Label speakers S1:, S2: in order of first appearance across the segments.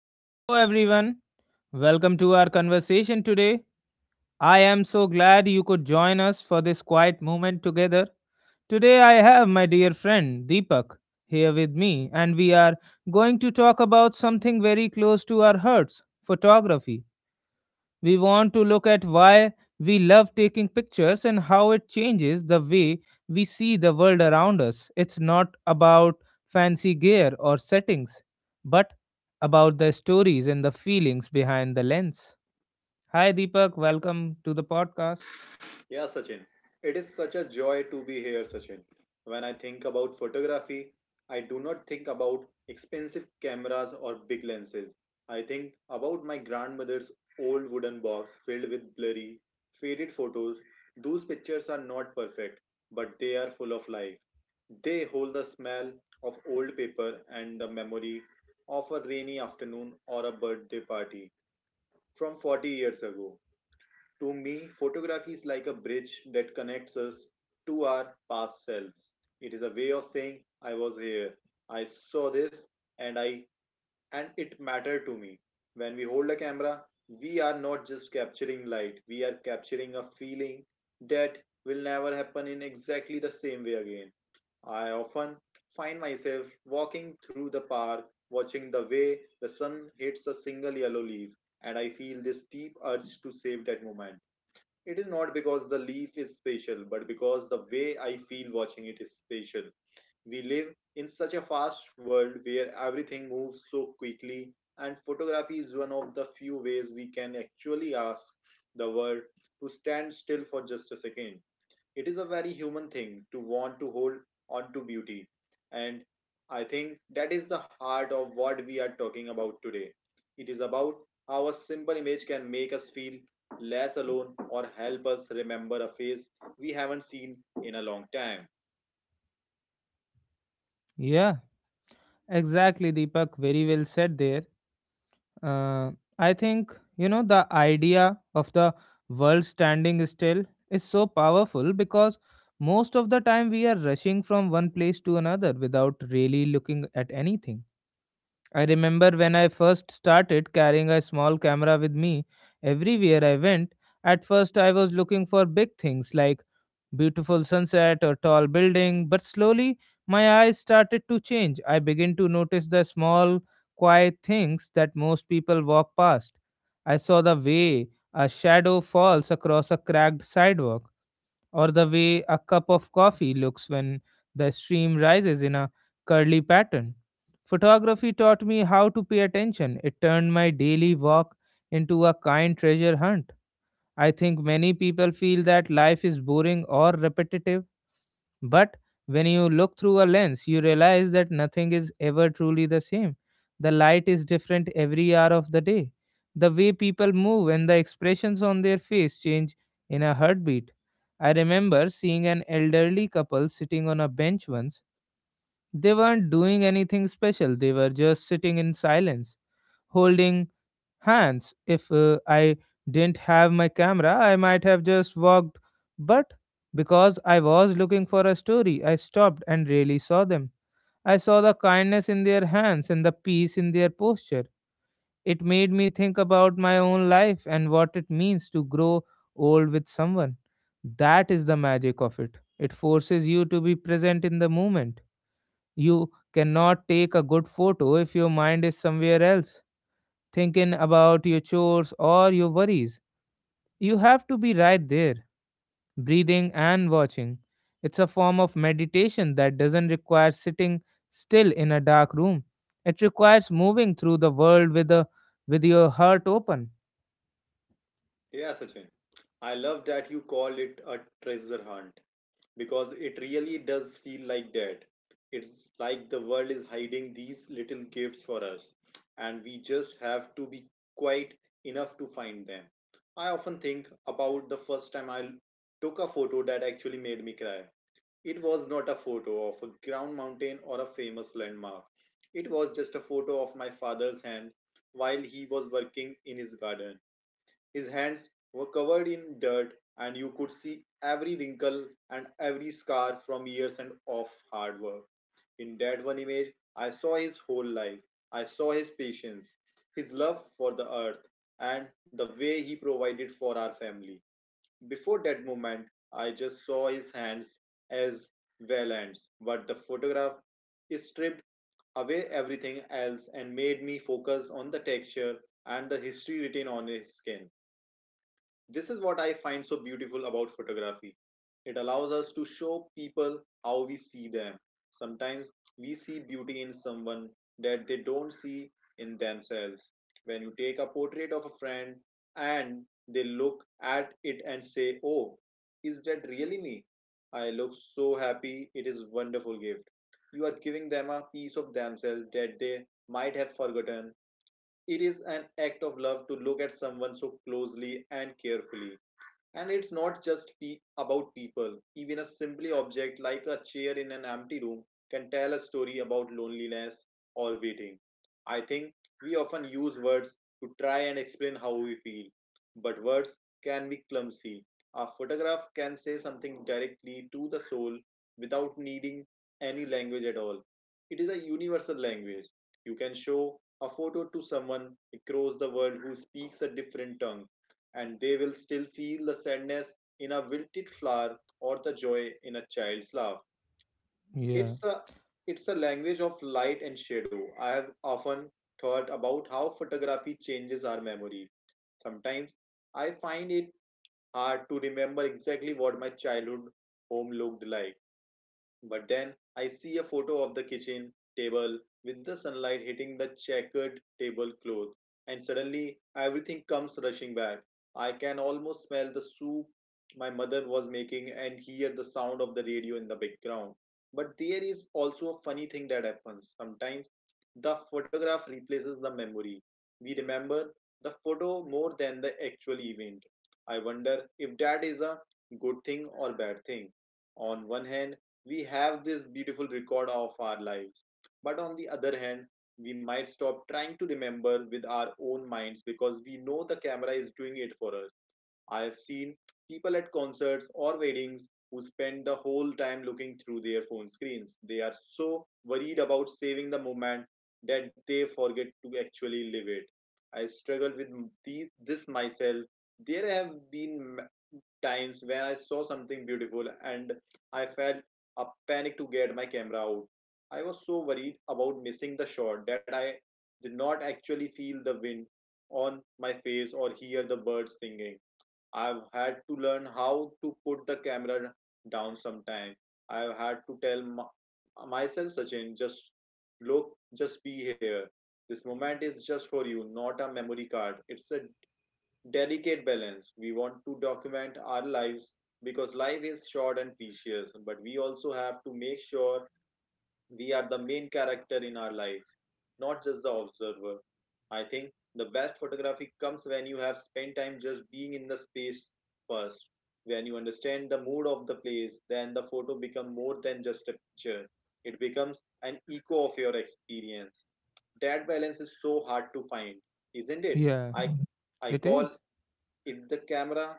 S1: Hello, everyone. Welcome to our conversation today. I am so glad you could join us for this quiet moment together. Today, I have my dear friend Deepak here with me, and we are going to talk about something very close to our hearts photography. We want to look at why we love taking pictures and how it changes the way we see the world around us. It's not about fancy gear or settings, but about the stories and the feelings behind the lens. Hi, Deepak. Welcome to the podcast.
S2: Yeah, Sachin. It is such a joy to be here, Sachin. When I think about photography, I do not think about expensive cameras or big lenses. I think about my grandmother's old wooden box filled with blurry, faded photos. Those pictures are not perfect, but they are full of life. They hold the smell of old paper and the memory of a rainy afternoon or a birthday party from 40 years ago. To me, photography is like a bridge that connects us to our past selves. It is a way of saying, I was here, I saw this, and I and it mattered to me. When we hold a camera, we are not just capturing light, we are capturing a feeling that will never happen in exactly the same way again. I often find myself walking through the park, watching the way the sun hits a single yellow leaf, and I feel this deep urge to save that moment. It is not because the leaf is special, but because the way I feel watching it is special. We live in such a fast world where everything moves so quickly, and photography is one of the few ways we can actually ask the world to stand still for just a second. It is a very human thing to want to hold on to beauty. And I think that is the heart of what we are talking about today. It is about how a simple image can make us feel less alone or help us remember a face we haven't seen in a long time.
S1: Yeah, exactly, Deepak. Very well said there. Uh, I think, the idea of the world standing still is so powerful because most of the time we are rushing from one place to another without really looking at anything. I remember when I first started carrying a small camera with me everywhere I went. At first, I was looking for big things like beautiful sunset or tall building, but slowly my eyes started to change. I began to notice the small, quiet things that most people walk past. I saw the way a shadow falls across a cracked sidewalk or the way a cup of coffee looks when the stream rises in a curly pattern. Photography taught me how to pay attention. It turned my daily walk into a kind treasure hunt. I think many people feel that life is boring or repetitive, but when you look through a lens, you realize that nothing is ever truly the same. The light is different every hour of the day. The way people move and the expressions on their face change in a heartbeat. I remember seeing an elderly couple sitting on a bench once. They weren't doing anything special. They were just sitting in silence, holding hands. If I didn't have my camera, I might have just walked. But because I was looking for a story, I stopped and really saw them. I saw the kindness in their hands and the peace in their posture. It made me think about my own life and what it means to grow old with someone. That is the magic of it. It forces you to be present in the moment. You cannot take a good photo if your mind is somewhere else thinking about your chores or your worries. You have to be right there, breathing and watching. It's a form of meditation that doesn't require sitting still in a dark room. It requires moving through the world with your heart open.
S2: Yeah, Sachin. I love that you call it a treasure hunt because it really does feel like that. It's like the world is hiding these little gifts for us, and we just have to be quiet enough to find them. I often think about the first time I took a photo that actually made me cry. It was not a photo of a ground mountain or a famous landmark. It was just a photo of my father's hand while he was working in his garden. His hands were covered in dirt, and you could see every wrinkle and every scar from years and of hard work. In that one image, I saw his whole life. I saw his patience, his love for the earth, and the way he provided for our family. Before that moment, I just saw his hands as well ends, but the photograph stripped away everything else and made me focus on the texture and the history written on his skin. This is what I find so beautiful about photography. It allows us to show people how we see them. Sometimes we see beauty in someone that they don't see in themselves. When you take a portrait of a friend and they look at it and say, "Oh, is that really me? I look so happy." It is a wonderful gift. You are giving them a piece of themselves that they might have forgotten. It is an act of love to look at someone so closely and carefully. And it's not just about people. Even a simple object like a chair in an empty room can tell a story about loneliness or waiting. I think we often use words to try and explain how we feel, but words can be clumsy. A photograph can say something directly to the soul without needing any language at all. It is a universal language. You can show a photo to someone across the world who speaks a different tongue and they will still feel the sadness in a wilted flower or the joy in a child's laugh.
S1: Yeah.
S2: It's a it's a language of light and shadow. I have often thought about how photography changes our memory. Sometimes I find it hard to remember exactly what my childhood home looked like, but then I see a photo of the kitchen table with the sunlight hitting the checkered tablecloth, and suddenly everything comes rushing back. I can almost smell the soup my mother was making and hear the sound of the radio in the background. But there is also a funny thing that happens. Sometimes the photograph replaces the memory. We remember the photo more than the actual event. I wonder if that is a good thing or bad thing. On one hand, we have this beautiful record of our lives, but on the other hand, we might stop trying to remember with our own minds because we know the camera is doing it for us. I've seen people at concerts or weddings who spend the whole time looking through their phone screens. They are so worried about saving the moment that they forget to actually live it. I struggled with this myself. There have been times when I saw something beautiful and I felt a panic to get my camera out. I was so worried about missing the shot that I did not actually feel the wind on my face or hear the birds singing. I've had to learn how to put the camera down sometime. I've had to tell myself, Sachin, just look, just be here. This moment is just for you, not a memory card. It's a delicate balance. We want to document our lives because life is short and precious, but we also have to make sure we are the main character in our lives, not just the observer. I think the best photography comes when you have spent time just being in the space first. When you understand the mood of the place, then the photo becomes more than just a picture. It becomes an echo of your experience. That balance is so hard to find, isn't it?
S1: Yeah,
S2: I I
S1: it
S2: call
S1: is.
S2: it's the camera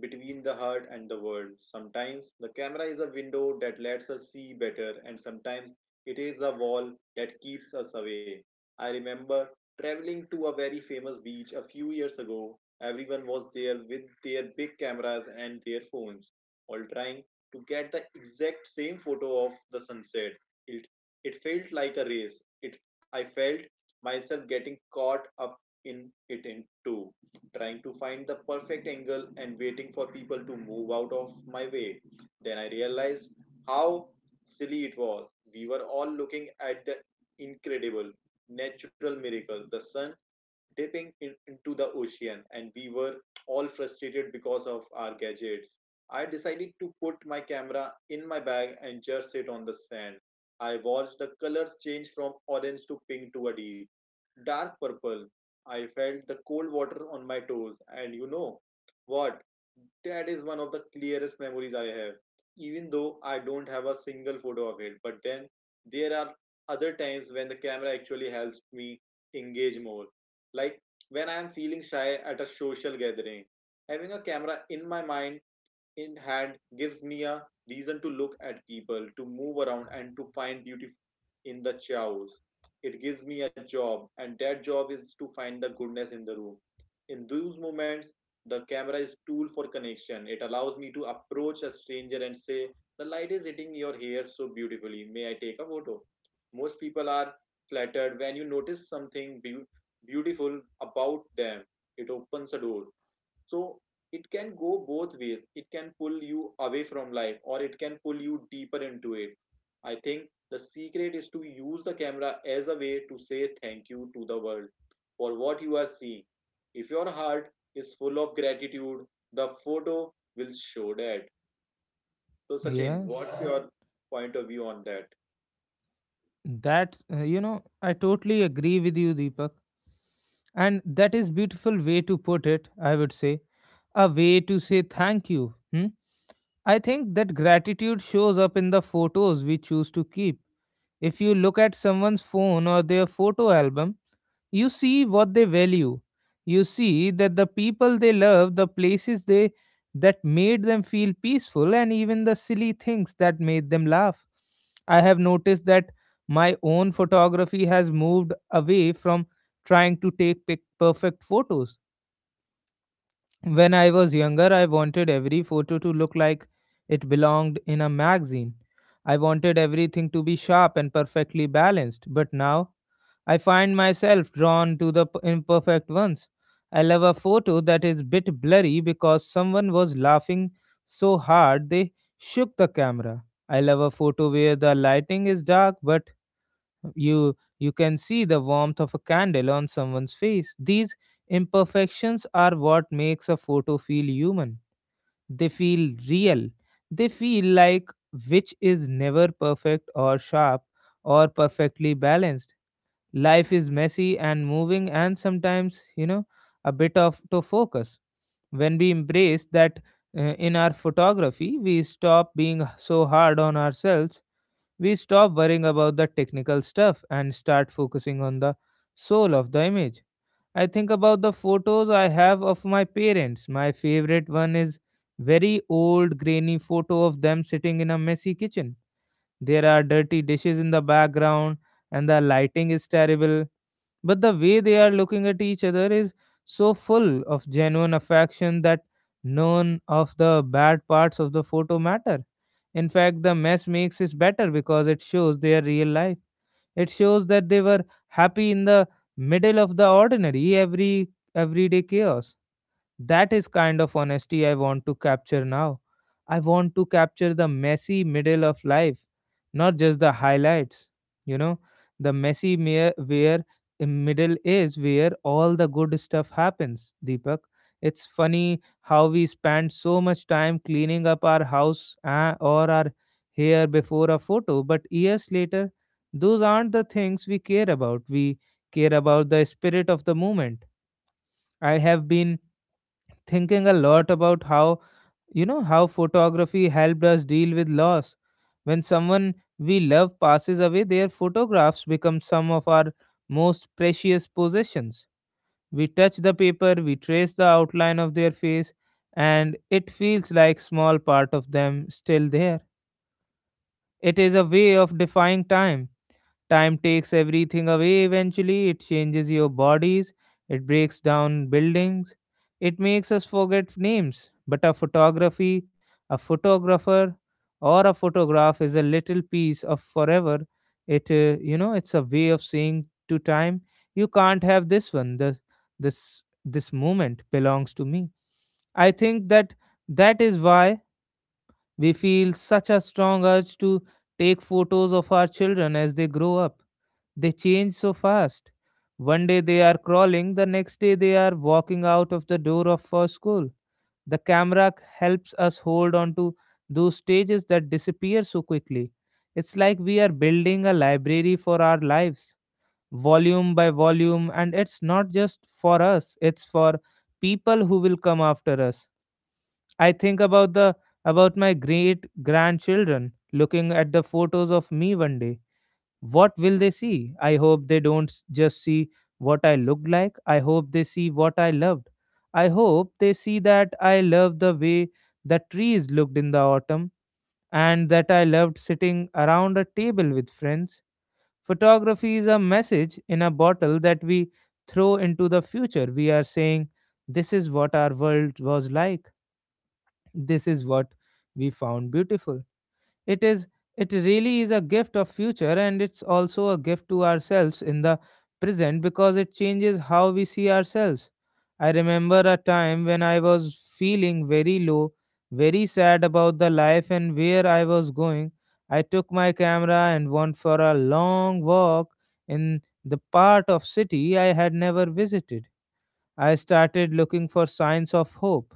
S2: between the heart and the world. Sometimes the camera is a window that lets us see better, and sometimes it is a wall that keeps us away. I remember traveling to a very famous beach a few years ago. Everyone was there with their big cameras and their phones, all trying to get the exact same photo of the sunset. It, it felt like a race. I felt myself getting caught up in it in two, trying to find the perfect angle and waiting for people to move out of my way. Then I realized how silly it was. We were all looking at the incredible natural miracle, the sun dipping into the ocean, and we were all frustrated because of our gadgets. I decided to put my camera in my bag and just sit on the sand. I watched the colors change from orange to pink to a deep dark purple. I felt the cold water on my toes, and you know what? That is one of the clearest memories I have, even though I don't have a single photo of it. But then there are other times when the camera actually helps me engage more. Like when I am feeling shy at a social gathering, having a camera in my mind in hand gives me a reason to look at people, to move around, and to find beauty in the chaos. It gives me a job, and that job is to find the goodness in the room. In those moments, the camera is tool for connection. It allows me to approach a stranger and say, "The light is hitting your hair so beautifully. May I take a photo?" Most people are flattered when you notice something beautiful about them. It opens a door. So it can go both ways. It can pull you away from life or it can pull you deeper into it. I think the secret is to use the camera as a way to say thank you to the world for what you are seeing. If your heart is full of gratitude, the photo will show that. So, Sachin,
S1: Yeah.
S2: what's your point of view on that?
S1: That's I totally agree with you, Deepak. And that is beautiful way to put it, I would say, a way to say thank you. Hmm? I think that gratitude shows up in the photos we choose to keep. If you look at someone's phone or their photo album, you see what they value. You see that the people they love, the places they that made them feel peaceful, and even the silly things that made them laugh. I have noticed that my own photography has moved away from trying to take perfect photos. When I was younger, I wanted every photo to look like it belonged in a magazine. I wanted everything to be sharp and perfectly balanced, but now I find myself drawn to the imperfect ones. I love a photo that is bit blurry because someone was laughing so hard they shook the camera. I love a photo where the lighting is dark, but you can see the warmth of a candle on someone's face. These imperfections are what makes a photo feel human. They feel real. They feel like, which is never perfect or sharp or perfectly balanced. Life is messy and moving, and sometimes, you know, a bit of to focus. When we embrace that, uh, in our photography, we stop being so hard on ourselves. We stop worrying about the technical stuff and start focusing on the soul of the image. I think about the photos I have of my parents. My favorite one is very old grainy photo of them sitting in a messy kitchen. There are dirty dishes in the background and the lighting is terrible, but the way they are looking at each other is so full of genuine affection that none of the bad parts of the photo matter. In fact, the mess makes it better because it shows their real life. It shows that they were happy in the middle of the ordinary, everyday chaos. That is kind of honesty I want to capture now. I want to capture the messy middle of life, not just the highlights. You know, the messy mere where the middle is where all the good stuff happens, Deepak. It's funny how we spend so much time cleaning up our house or our hair before a photo, but years later, those aren't the things we care about. We care about the spirit of the moment. I have been thinking a lot about how, you know, how photography helped us deal with loss. When someone we love passes away, their photographs become some of our most precious possessions. We touch the paper, we trace the outline of their face, and it feels like small part of them still there. It is a way of defying time. Time takes everything away eventually. It changes your bodies, it breaks down buildings, it makes us forget names. But a photography, a photographer, or a photograph is a little piece of forever. It's a way of saying to time, you can't have this one. This moment belongs to me. I think that is why we feel such a strong urge to take photos of our children as they grow up. They change so fast. One day they are crawling, the next day they are walking out of the door of our school. Helps us hold on to those stages that disappear so quickly. It's like we are building a library for our lives, volume by volume, and it's not just for us, it's for people who will come after us. I think about my great grandchildren looking at the photos of me one day. What will they see? I hope they don't just see what I looked like. I hope they see what I loved. I hope they see that I loved the way the trees looked in the autumn and that I loved sitting around a table with friends. Photography is a message in a bottle that we throw into the future. We are saying, this is what our world was like. This is what we found beautiful. it is it really is a gift of future, and it's also a gift to ourselves in the present because it changes how we see ourselves. I remember a time when I was feeling very low, very sad about the life and where I was going. I took my camera and went for a long walk in the part of city I had never visited. I started looking for signs of hope.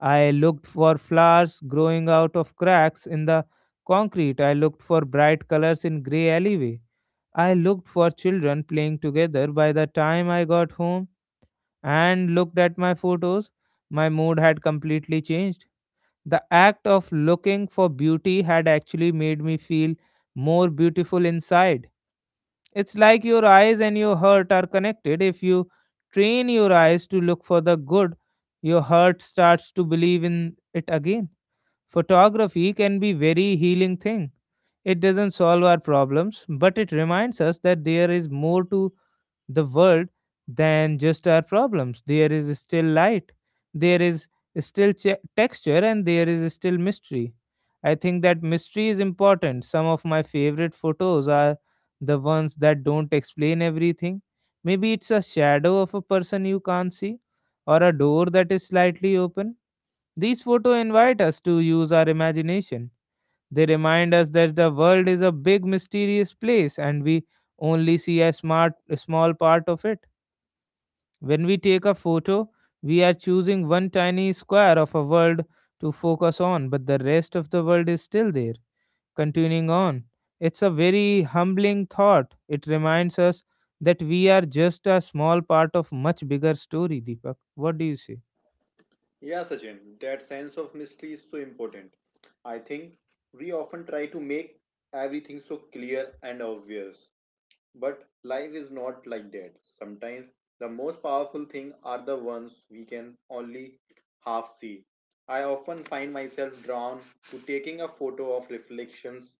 S1: I looked for flowers growing out of cracks in the concrete. I looked for bright colors in gray alleyway. I looked for children playing together. By the time I got home and looked at my photos, my mood had completely changed. The act of looking for beauty had actually made me feel more beautiful inside. It's like your eyes and your heart are connected. If you train your eyes to look for the good, your heart starts to believe in it again. Photography can be very healing thing. It doesn't solve our problems, but it reminds us that there is more to the world than just our problems. There is still light, there is still texture, and there is still mystery. I think that mystery is important. Some of my favorite photos are the ones that don't explain everything. Maybe it's a shadow of a person you can't see, or a door that is slightly open. These photos invite us to use our imagination. They remind us that the world is a big mysterious place, and we only see a smart a small part of it. When we take a photo, we are choosing one tiny square of a world to focus on, but the rest of the world is still there, continuing on. It's a very humbling thought. It reminds us that we are just a small part of much bigger story, Deepak. What do you say?
S2: Yeah, Sachin, that sense of mystery is so important. I think we often try to make everything so clear and obvious. But life is not like that. Sometimes the most powerful things are the ones we can only half see. I often find myself drawn to taking a photo of reflections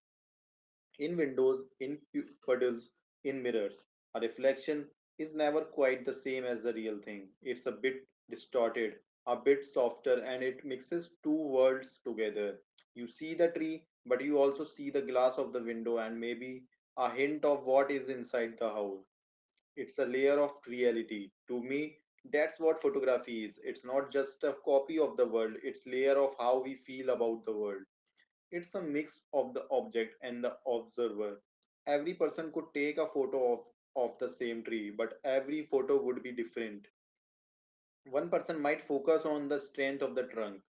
S2: in windows, in puddles, in mirrors. A reflection is never quite the same as the real thing. It's a bit distorted, a bit softer, and it mixes two worlds together. You see the tree, but you also see the glass of the window and maybe a hint of what is inside the house. It's a layer of reality. To me, that's what photography is. It's not just a copy of the world, it's a layer of how we feel about the world. It's a mix of the object and the observer. Every person could take a photo of the same tree, but every photo would be different. One person might focus on the strength of the trunk,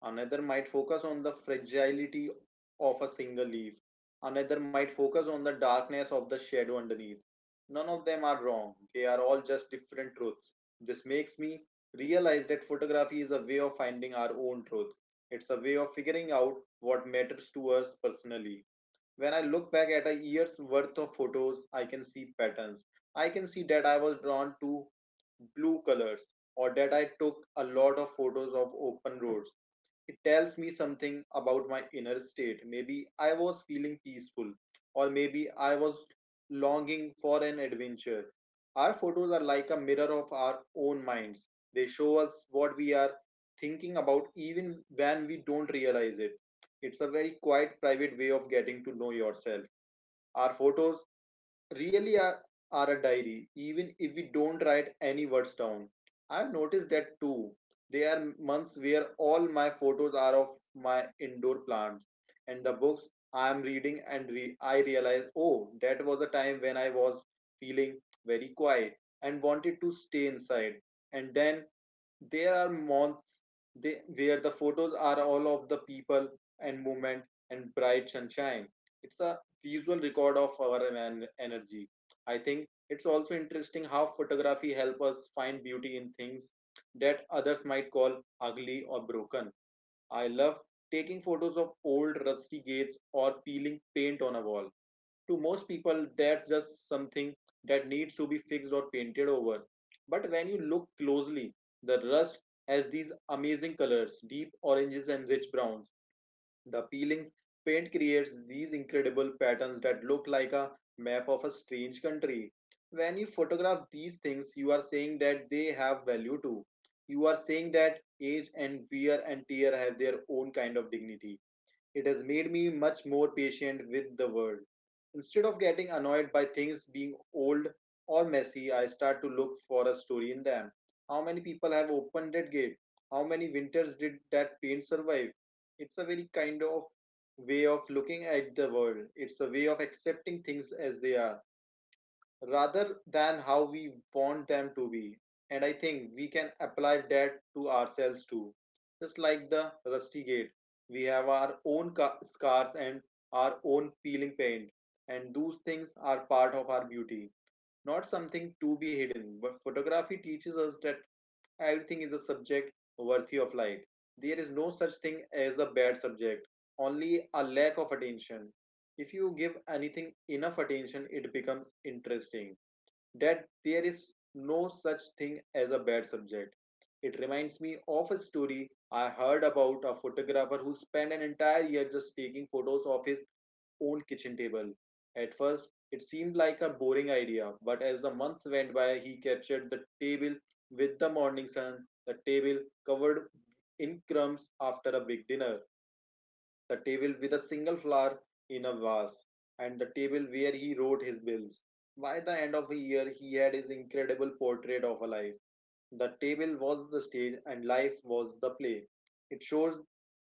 S2: another might focus on the fragility of a single leaf, another might focus on the darkness of the shadow underneath. None of them are wrong, they are all just different truths. This makes me realize that photography is a way of finding our own truth. It's a way of figuring out what matters to us personally. When I look back at a year's worth of photos, I can see patterns. I can see that I was drawn to blue colors, or that I took a lot of photos of open roads. It tells me something about my inner state. Maybe I was feeling peaceful, or maybe I was longing for an adventure. Our photos are like a mirror of our own minds. They show us what we are thinking about even when we don't realize it. It's a very quiet, private way of getting to know yourself. Our photos really are a diary, even if we don't write any words down. I've noticed that too. There are months where all my photos are of my indoor plants and the books I am reading, and I realize, oh, that was a time when I was feeling very quiet and wanted to stay inside. And then there are months where the photos are all of the people and movement and bright sunshine. It's a visual record of our energy. I think it's also interesting how photography helps us find beauty in things that others might call ugly or broken. I love taking photos of old rusty gates or peeling paint on a wall. To most people, that's just something that needs to be fixed or painted over. But when you look closely, the rust has these amazing colors, deep oranges and rich browns. The peelings paint creates these incredible patterns that look like a map of a strange country. When you photograph these things, you are saying that they have value too. You are saying that age and wear and tear have their own kind of dignity. It has made me much more patient with the world. Instead of getting annoyed by things being old or messy, I start to look for a story in them. How many people have opened that gate? How many winters did that paint survive? It's a very kind of way of looking at the world. It's a way of accepting things as they are rather than how we want them to be. And I think we can apply that to ourselves too. Just like the rusty gate, we have our own scars and our own peeling paint, and those things are part of our beauty, not something to be hidden. But photography teaches us that everything is a subject worthy of light. There is no such thing as a bad subject, only a lack of attention. If you give anything enough attention, it becomes interesting that there is no such thing as a bad subject. It reminds me of a story I heard about a photographer who spent an entire year just taking photos of his own kitchen table. At first, it seemed like a boring idea, but as the months went by, he captured the table with the morning sun, the table covered in crumbs after a big dinner, the table with a single flower in a vase, and the table where he wrote his bills. By the end of a year, he had his incredible portrait of a life. The table was the stage, and life was the play. It shows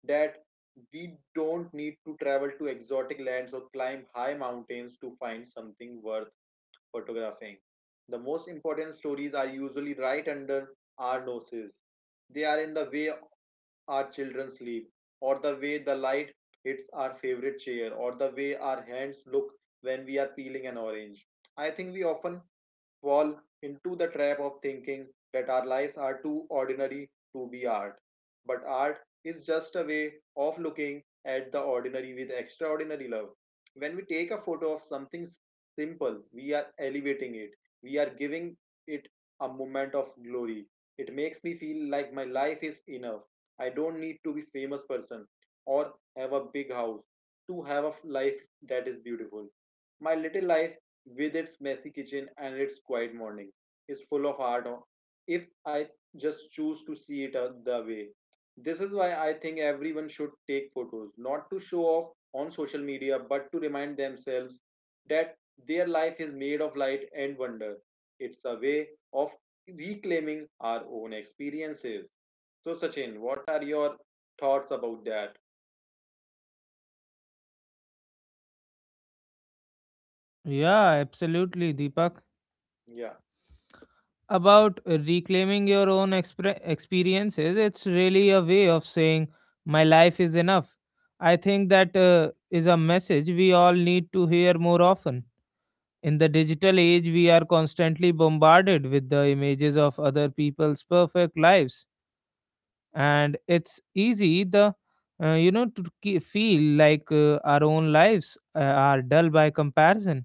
S2: that we don't need to travel to exotic lands or climb high mountains to find something worth photographing. The most important stories are usually right under our noses. They are in the way our children sleep, or the way the light hits our favorite chair, or the way our hands look when we are peeling an orange. I think we often fall into the trap of thinking that our lives are too ordinary to be art. But art is just a way of looking at the ordinary with extraordinary love. When we take a photo of something simple, we are elevating it, we are giving it a moment of glory. It makes me feel like my life is enough. I don't need to be a famous person or have a big house to have a life that is beautiful. My little life, with its messy kitchen and its quiet morning, is full of art if I just choose to see it the way. This is why I think everyone should take photos, not to show off on social media, but to remind themselves that their life is made of light and wonder. It's a way of reclaiming our own experiences. So, Sachin, what are your thoughts about that?
S1: Yeah, absolutely, Deepak.
S2: Yeah.
S1: About reclaiming your own experiences, it's really a way of saying my life is enough. I think that is a message we all need to hear more often. In the digital age, we are constantly bombarded with the images of other people's perfect lives, and it's easy, the you know to ke- feel like our own lives are dull by comparison.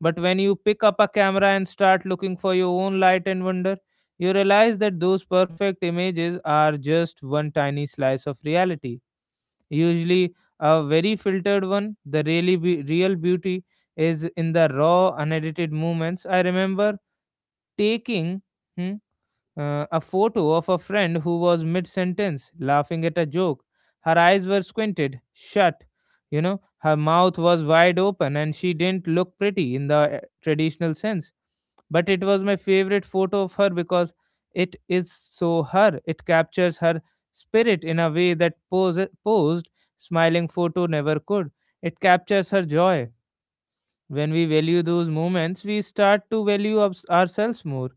S1: But when you pick up a camera and start looking for your own light and wonder, you realize that those perfect images are just one tiny slice of reality. Usually, a very filtered one. The real beauty is in the raw, unedited moments. I remember taking. hmm, a photo of a friend who was mid sentence, laughing at a joke. Her eyes were squinted, shut, you know, her mouth was wide open, and she didn't look pretty in the traditional sense. But it was my favorite photo of her because it is so her. It captures her spirit in a way that posed, smiling photo never could. It captures her joy. When we value those moments, we start to value ourselves more.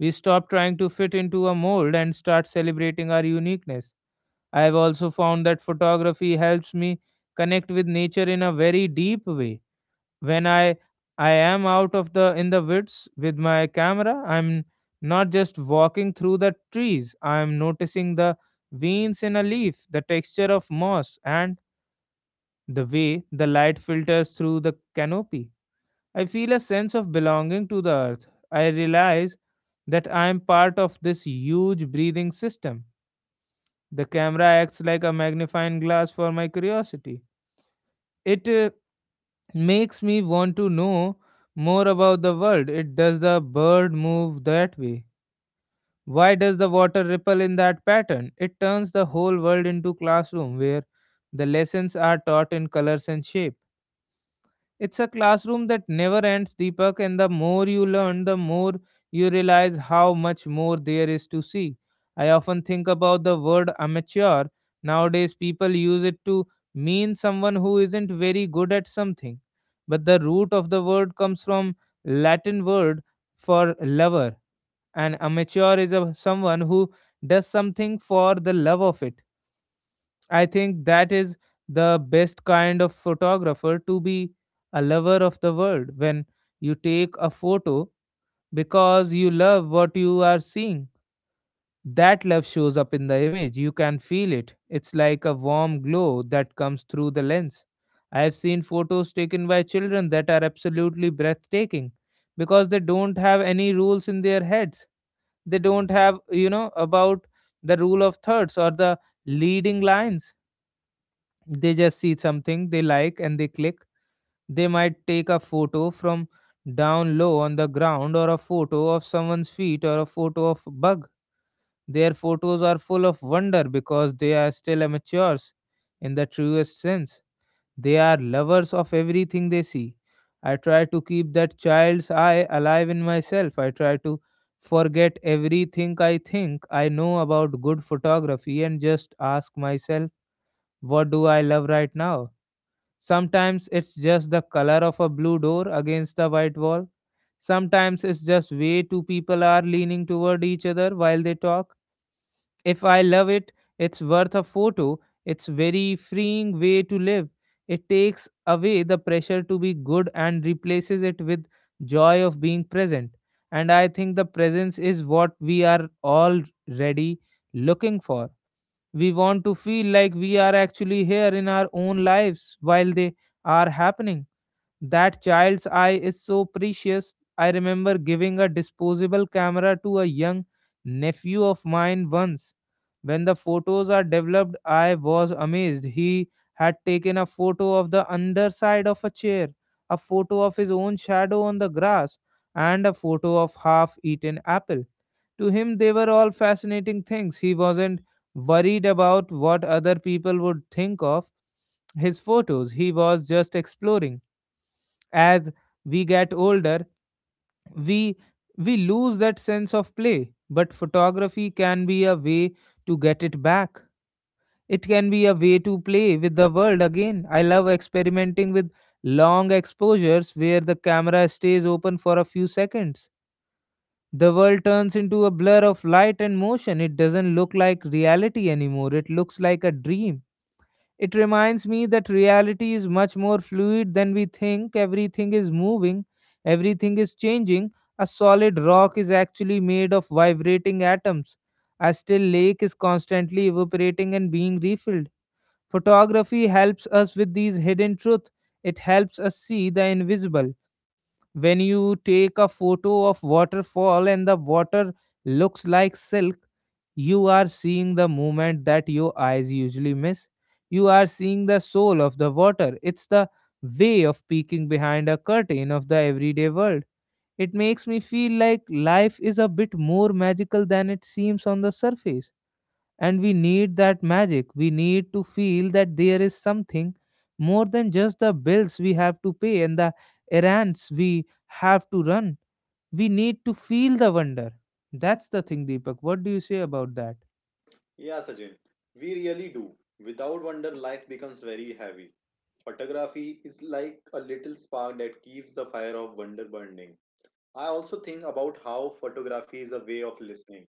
S1: We stop trying to fit into a mold and start celebrating our uniqueness. I have also found that photography helps me connect with nature in a very deep way. When I am out of the in the woods with my camera, I'm not just walking through the trees. I'm noticing the veins in a leaf, the texture of moss, and the way the light filters through the canopy. I feel a sense of belonging to the earth. I realize that I am part of this huge breathing system. The camera acts like a magnifying glass for my curiosity. It makes me want to know more about the world. It does the bird move that way? Why does the water ripple in that pattern? It turns the whole world into classroom where the lessons are taught in colors and shape. It's a classroom that never ends, Deepak, and the more you learn, the more you realize how much more there is to see. I often think about the word amateur. Nowadays, people use it to mean someone who isn't very good at something. But the root of the word comes from Latin word for lover. An amateur is a, someone who does something for the love of it. I think that is the best kind of photographer to be, a lover of the world. When you take a photo because you love what you are seeing, that love shows up in the image. You can feel it. It's like a warm glow that comes through the lens. I have seen photos taken by children that are absolutely breathtaking because they don't have any rules in their heads. They don't have, you know, about the rule of thirds or the leading lines. They just see something they like and they click. They might take a photo from down low on the ground, or a photo of someone's feet, or a photo of a bug. Their photos are full of wonder because they are still amateurs in the truest sense. They are lovers of everything they see. I try to keep that child's eye alive in myself. I try to forget everything I think I know about good photography and just ask myself, what do I love right now? Sometimes it's just the color of a blue door against the white wall. Sometimes it's just way two people are leaning toward each other while they talk. If I love it, it's worth a photo. It's very freeing way to live. It takes away the pressure to be good and replaces it with joy of being present. And I think the presence is what we are all ready looking for. We want to feel like we are actually here in our own lives while they are happening. That child's eye is so precious. I remember giving a disposable camera to a young nephew of mine once. When the photos are developed, I was amazed. He had taken a photo of the underside of a chair, a photo of his own shadow on the grass, and a photo of half eaten apple. To him, they were all fascinating things. He wasn't worried about what other people would think of his photos. He was just exploring. As we get older, we we lose that sense of play, but photography can be a way to get it back. It can be a way to play with the world again. I love experimenting with long exposures where the camera stays open for a few seconds. The world turns into a blur of light and motion. It doesn't look like reality anymore. It looks like a dream. It reminds me that reality is much more fluid than we think. Everything is moving, everything is changing. A solid rock is actually made of vibrating atoms. A still lake is constantly evaporating and being refilled. Photography helps us with these hidden truths. It helps us see the invisible. When you take a photo of waterfall and the water looks like silk, you are seeing the movement that your eyes usually miss. You are seeing the soul of the water. It's the way of peeking behind a curtain of the everyday world. It makes me feel like life is a bit more magical than it seems on the surface, and we need that magic. We need to feel that there is something more than just the bills we have to pay and the errands we have to run. We need to feel the wonder. That's the thing, Deepak. What do you say about that?
S2: Yeah, Sachin, we really do. Without wonder, life becomes very heavy. Photography is like a little spark that keeps the fire of wonder burning. I also think about how photography is a way of listening.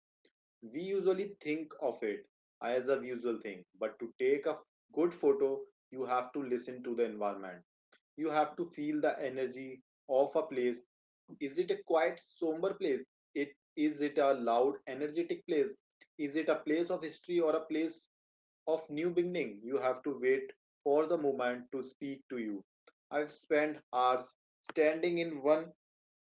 S2: We usually think of it as a visual thing, but to take a good photo, you have to listen to the environment. You have to feel the energy of a place. Is it a quiet, somber place? It Is it a loud, energetic place? Is it a place of history or a place of new beginning? You have to wait for the moment to speak to you. I've spent hours standing in one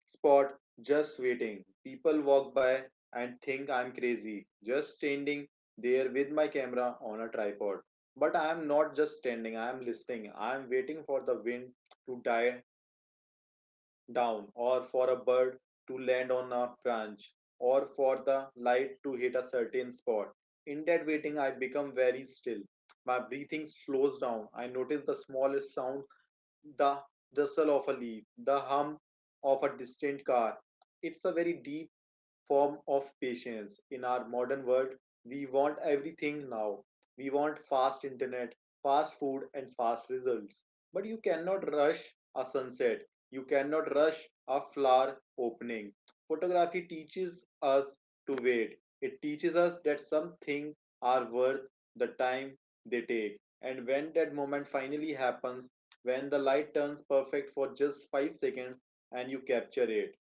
S2: spot just waiting. People walk by and think I'm crazy, just standing there with my camera on a tripod. But I am not just standing, I am listening. I am waiting for the wind to die down, or for a bird to land on a branch, or for the light to hit a certain spot. In that waiting, I become very still. My breathing slows down. I notice the smallest sound, the rustle of a leaf, the hum of a distant car. It's a very deep form of patience. In our modern world, we want everything now. We want fast internet, fast food, and fast results. But you cannot rush a sunset. You cannot rush a flower opening. Photography teaches us to wait. It teaches us that some things are worth the time they take. And when that moment finally happens, when the light turns perfect for just 5 seconds and you capture it,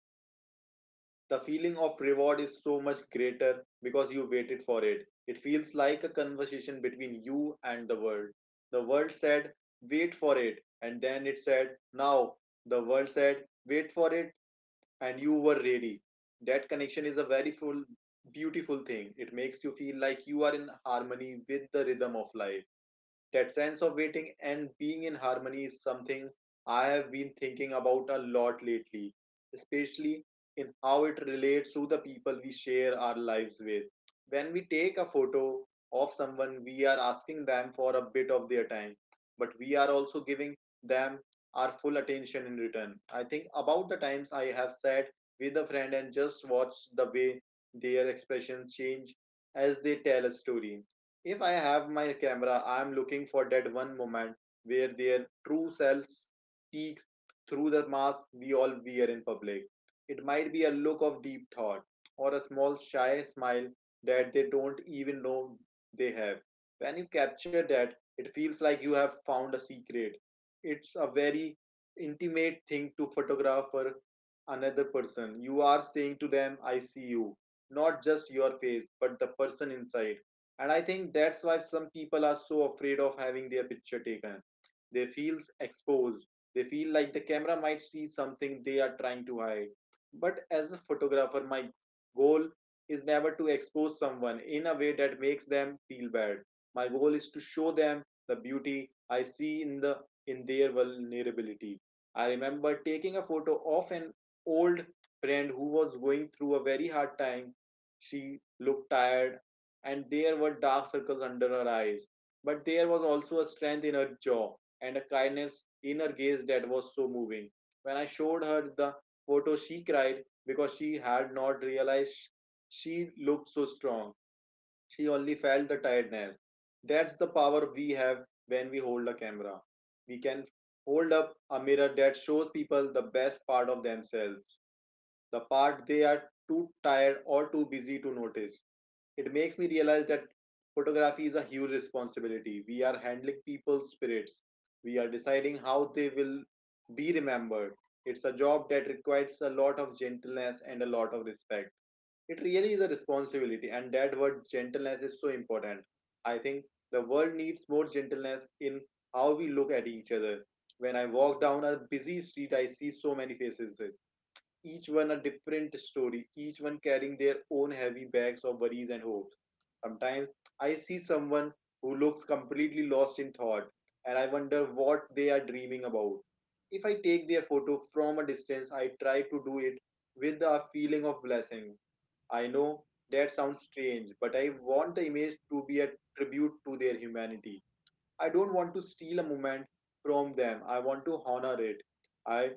S2: the feeling of reward is so much greater because you waited for it. It feels like a conversation between you and the world. The world said, wait for it, and then it said, now. The world said, wait for it, and you were ready. That connection is a very full, beautiful thing. It makes you feel like you are in harmony with the rhythm of life. That sense of waiting and being in harmony is something I have been thinking about a lot lately, especially in how it relates to the people we share our lives with. When we take a photo of someone, we are asking them for a bit of their time, but we are also giving them our full attention in return. I think about the times I have sat with a friend and just watched the way their expressions change as they tell a story. If I have my camera, I am looking for that one moment where their true selves peeks through the mask we all wear in public. It might be a look of deep thought or a small shy smile that they don't even know they have. When you capture that, it feels like you have found a secret. It's a very intimate thing to photograph for another person. You are saying to them, I see you, not just your face, but the person inside. And I think that's why some people are so afraid of having their picture taken. They feel exposed. They feel like the camera might see something they are trying to hide. But as a photographer, my goal is never to expose someone in a way that makes them feel bad. My goal is to show them the beauty I see in the in their vulnerability. I remember taking a photo of an old friend who was going through a very hard time. She looked tired, and there were dark circles under her eyes. But there was also a strength in her jaw and a kindness in her gaze that was so moving. When I showed her the photo, she cried because she had not realized she looked so strong. She only felt the tiredness. That's the power we have when we hold a camera. We can hold up a mirror that shows people the best part of themselves, the part they are too tired or too busy to notice. It makes me realize that photography is a huge responsibility. We are handling people's spirits, we are deciding how they will be remembered. It's a job that requires a lot of gentleness and a lot of respect. It really is a responsibility, and that word gentleness is so important. I think the world needs more gentleness in how we look at each other. When I walk down a busy street, I see so many faces, each one a different story, each one carrying their own heavy bags of worries and hopes. Sometimes I see someone who looks completely lost in thought, and I wonder what they are dreaming about. If I take their photo from a distance, I try to do it with a feeling of blessing. I know that sounds strange, but I want the image to be a tribute to their humanity. I don't want to steal a moment from them, I want to honor it. I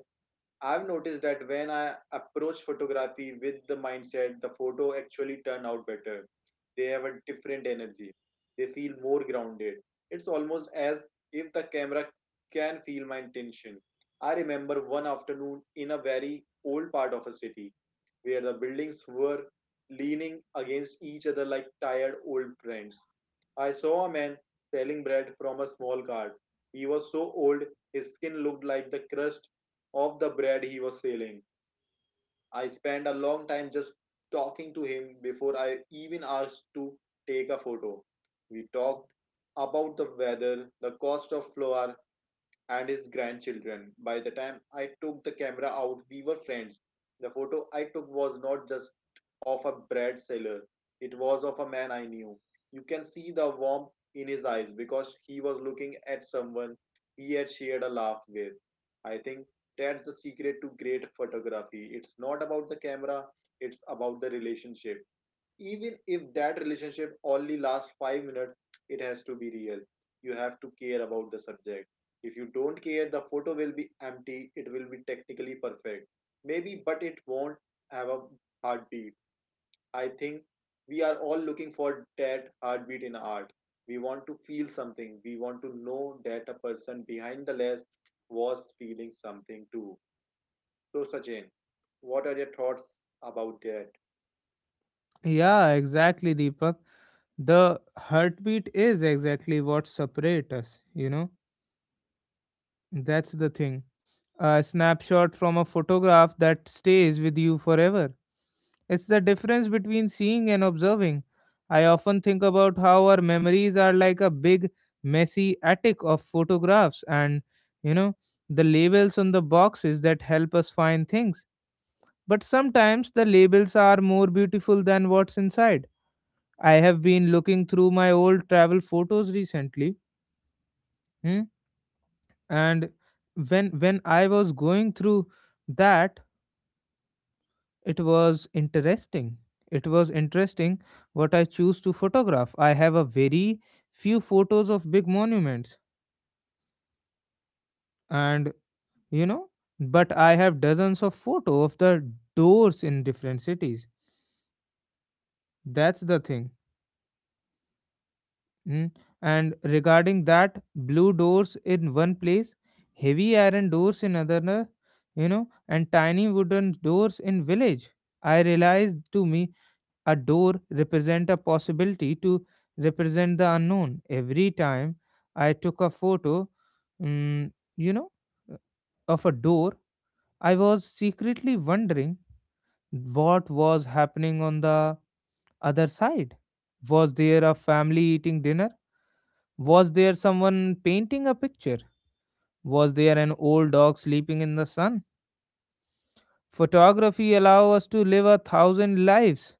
S2: I've noticed that when I approach photography with the mindset, the photo actually turn out better. They have a different energy. They feel more grounded. It's almost as if the camera can feel my intention. I remember one afternoon in a very old part of a city where the buildings were leaning against each other like tired old friends. I saw a man selling bread from a small cart. He was so old, his skin looked like the crust of the bread he was selling. I spent a long time just talking to him before I even asked to take a photo. We talked about the weather, the cost of flour, and his grandchildren. By the time I took the camera out, we were friends. The photo I took was not just of a bread seller, it was of a man I knew. You can see the warmth in his eyes because he was looking at someone he had shared a laugh with. I think that's the secret to great photography. It's not about the camera, it's about the relationship. Even if that relationship only lasts 5 minutes, it has to be real. You have to care about the subject. If you don't care, the photo will be empty. It will be technically perfect, maybe, but it won't have a heartbeat. I think we are all looking for that heartbeat in art. We want to feel something, we want to know that a person behind the lens was feeling something too. So Sachin, what are your thoughts about that?
S1: Yeah, exactly, Deepak. The heartbeat is exactly what separates us, you know? That's the thing. A snapshot from a photograph that stays with you forever. It's the difference between seeing and observing. I often think about how our memories are like a big, messy attic of photographs and, you know, the labels on the boxes that help us find things. But sometimes the labels are more beautiful than what's inside. I have been looking through my old travel photos recently, hmm, and when I was going through that, it was interesting. It was interesting what I choose to photograph. I have a very few photos of big monuments and, you know, but I have dozens of photo of the doors in different cities. That's the thing. mm. And regarding that, blue doors in one place, heavy iron doors in another, you know, and tiny wooden doors in village. I realized to me a door represent a possibility to represent the unknown. Every time I took a photo, mm, you know, of a door, I was secretly wondering what was happening on the other side. Was there a family eating dinner? Was there someone painting a picture? Was there an old dog sleeping in the sun? Photography allow us to live a thousand lives.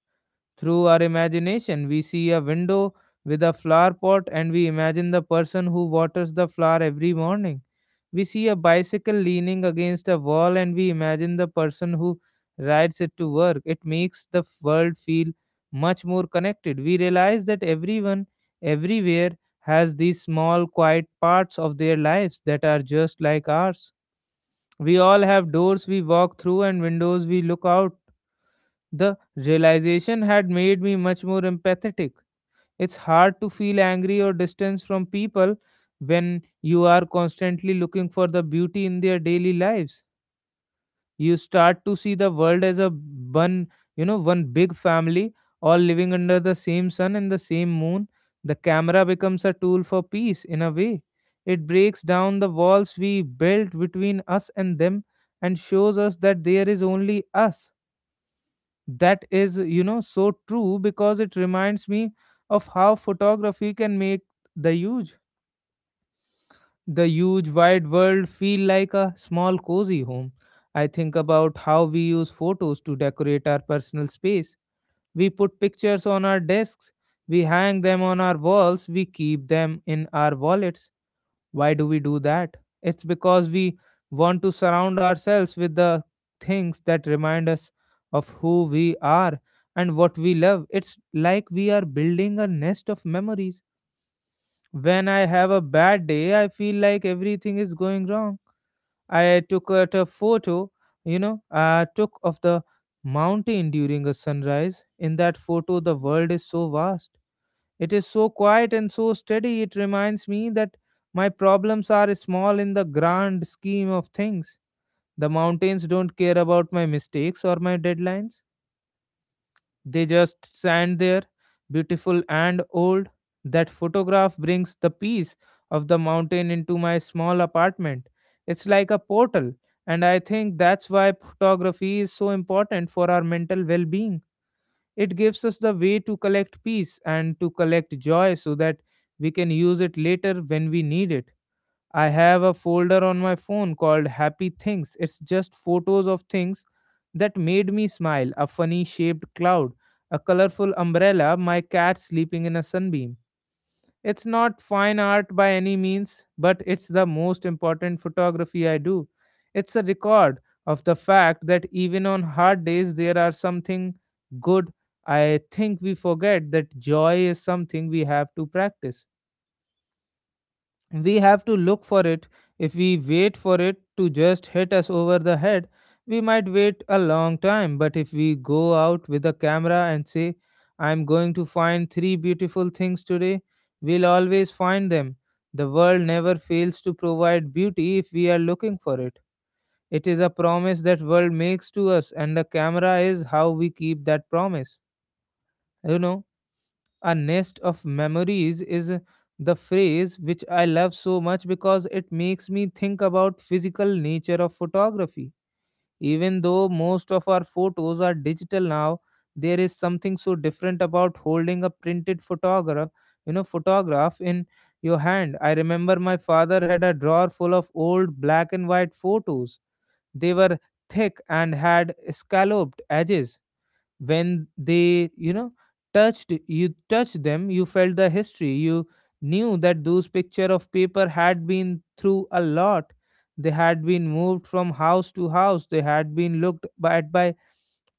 S1: Through our imagination, we see a window with a flower pot and we imagine the person who waters the flower every morning. We see a bicycle leaning against a wall and we imagine the person who rides it to work. It makes the world feel much more connected. We realize that everyone, everywhere, has these small, quiet parts of their lives that are just like ours. We all have doors we walk through and windows we look out. The realization had made me much more empathetic. It's hard to feel angry or distance from people when you are constantly looking for the beauty in their daily lives. You start to see the world as a one, you know, one big family, all living under the same sun and the same moon. The camera becomes a tool for peace in a way. It breaks down the walls we built between us and them and shows us that there is only us. That is, you know, so true, because it reminds me of how photography can make the huge the huge wide world feel like a small cozy home. I think about how we use photos to decorate our personal space. We put pictures on our desks, we hang them on our walls, we keep them in our wallets. Why do we do that? It's because we want to surround ourselves with the things that remind us of who we are and what we love. It's like we are building a nest of memories. When I have a bad day, I feel like everything is going wrong. I took out a photo, you know, I took of the mountain during a sunrise. In that photo, the world is so vast, it is so quiet and so steady. It reminds me that my problems are small in the grand scheme of things. The mountains don't care about my mistakes or my deadlines. They just stand there, beautiful and old. That photograph brings the peace of the mountain into my small apartment. It's like a portal, and I think that's why photography is so important for our mental well being. It gives us the way to collect peace and to collect joy so that we can use it later when we need it. I have a folder on my phone called Happy Things. It's just photos of things that made me smile, a funny shaped cloud, a colorful umbrella, my cat sleeping in a sunbeam. It's not fine art by any means, but it's the most important photography I do. It's a record of the fact that even on hard days there are something good. I think we forget that joy is something we have to practice. We have to look for it. If we wait for it to just hit us over the head, we might wait a long time. But if we go out with a camera and say, I'm going to find three beautiful things today, we'll always find them. The world never fails to provide beauty if we are looking for it. It is a promise that world makes to us, and the camera is how we keep that promise. You know, a nest of memories is the phrase which I love so much because it makes me think about physical nature of photography. Even though most of our photos are digital now, there is something so different about holding a printed photograph, photograph in your hand. I remember my father had a drawer full of old black and white photos. They were thick and had scalloped edges. When they touched, you touched them, you felt the history. You knew that those picture of paper had been through a lot. They had been moved from house to house, they had been looked at by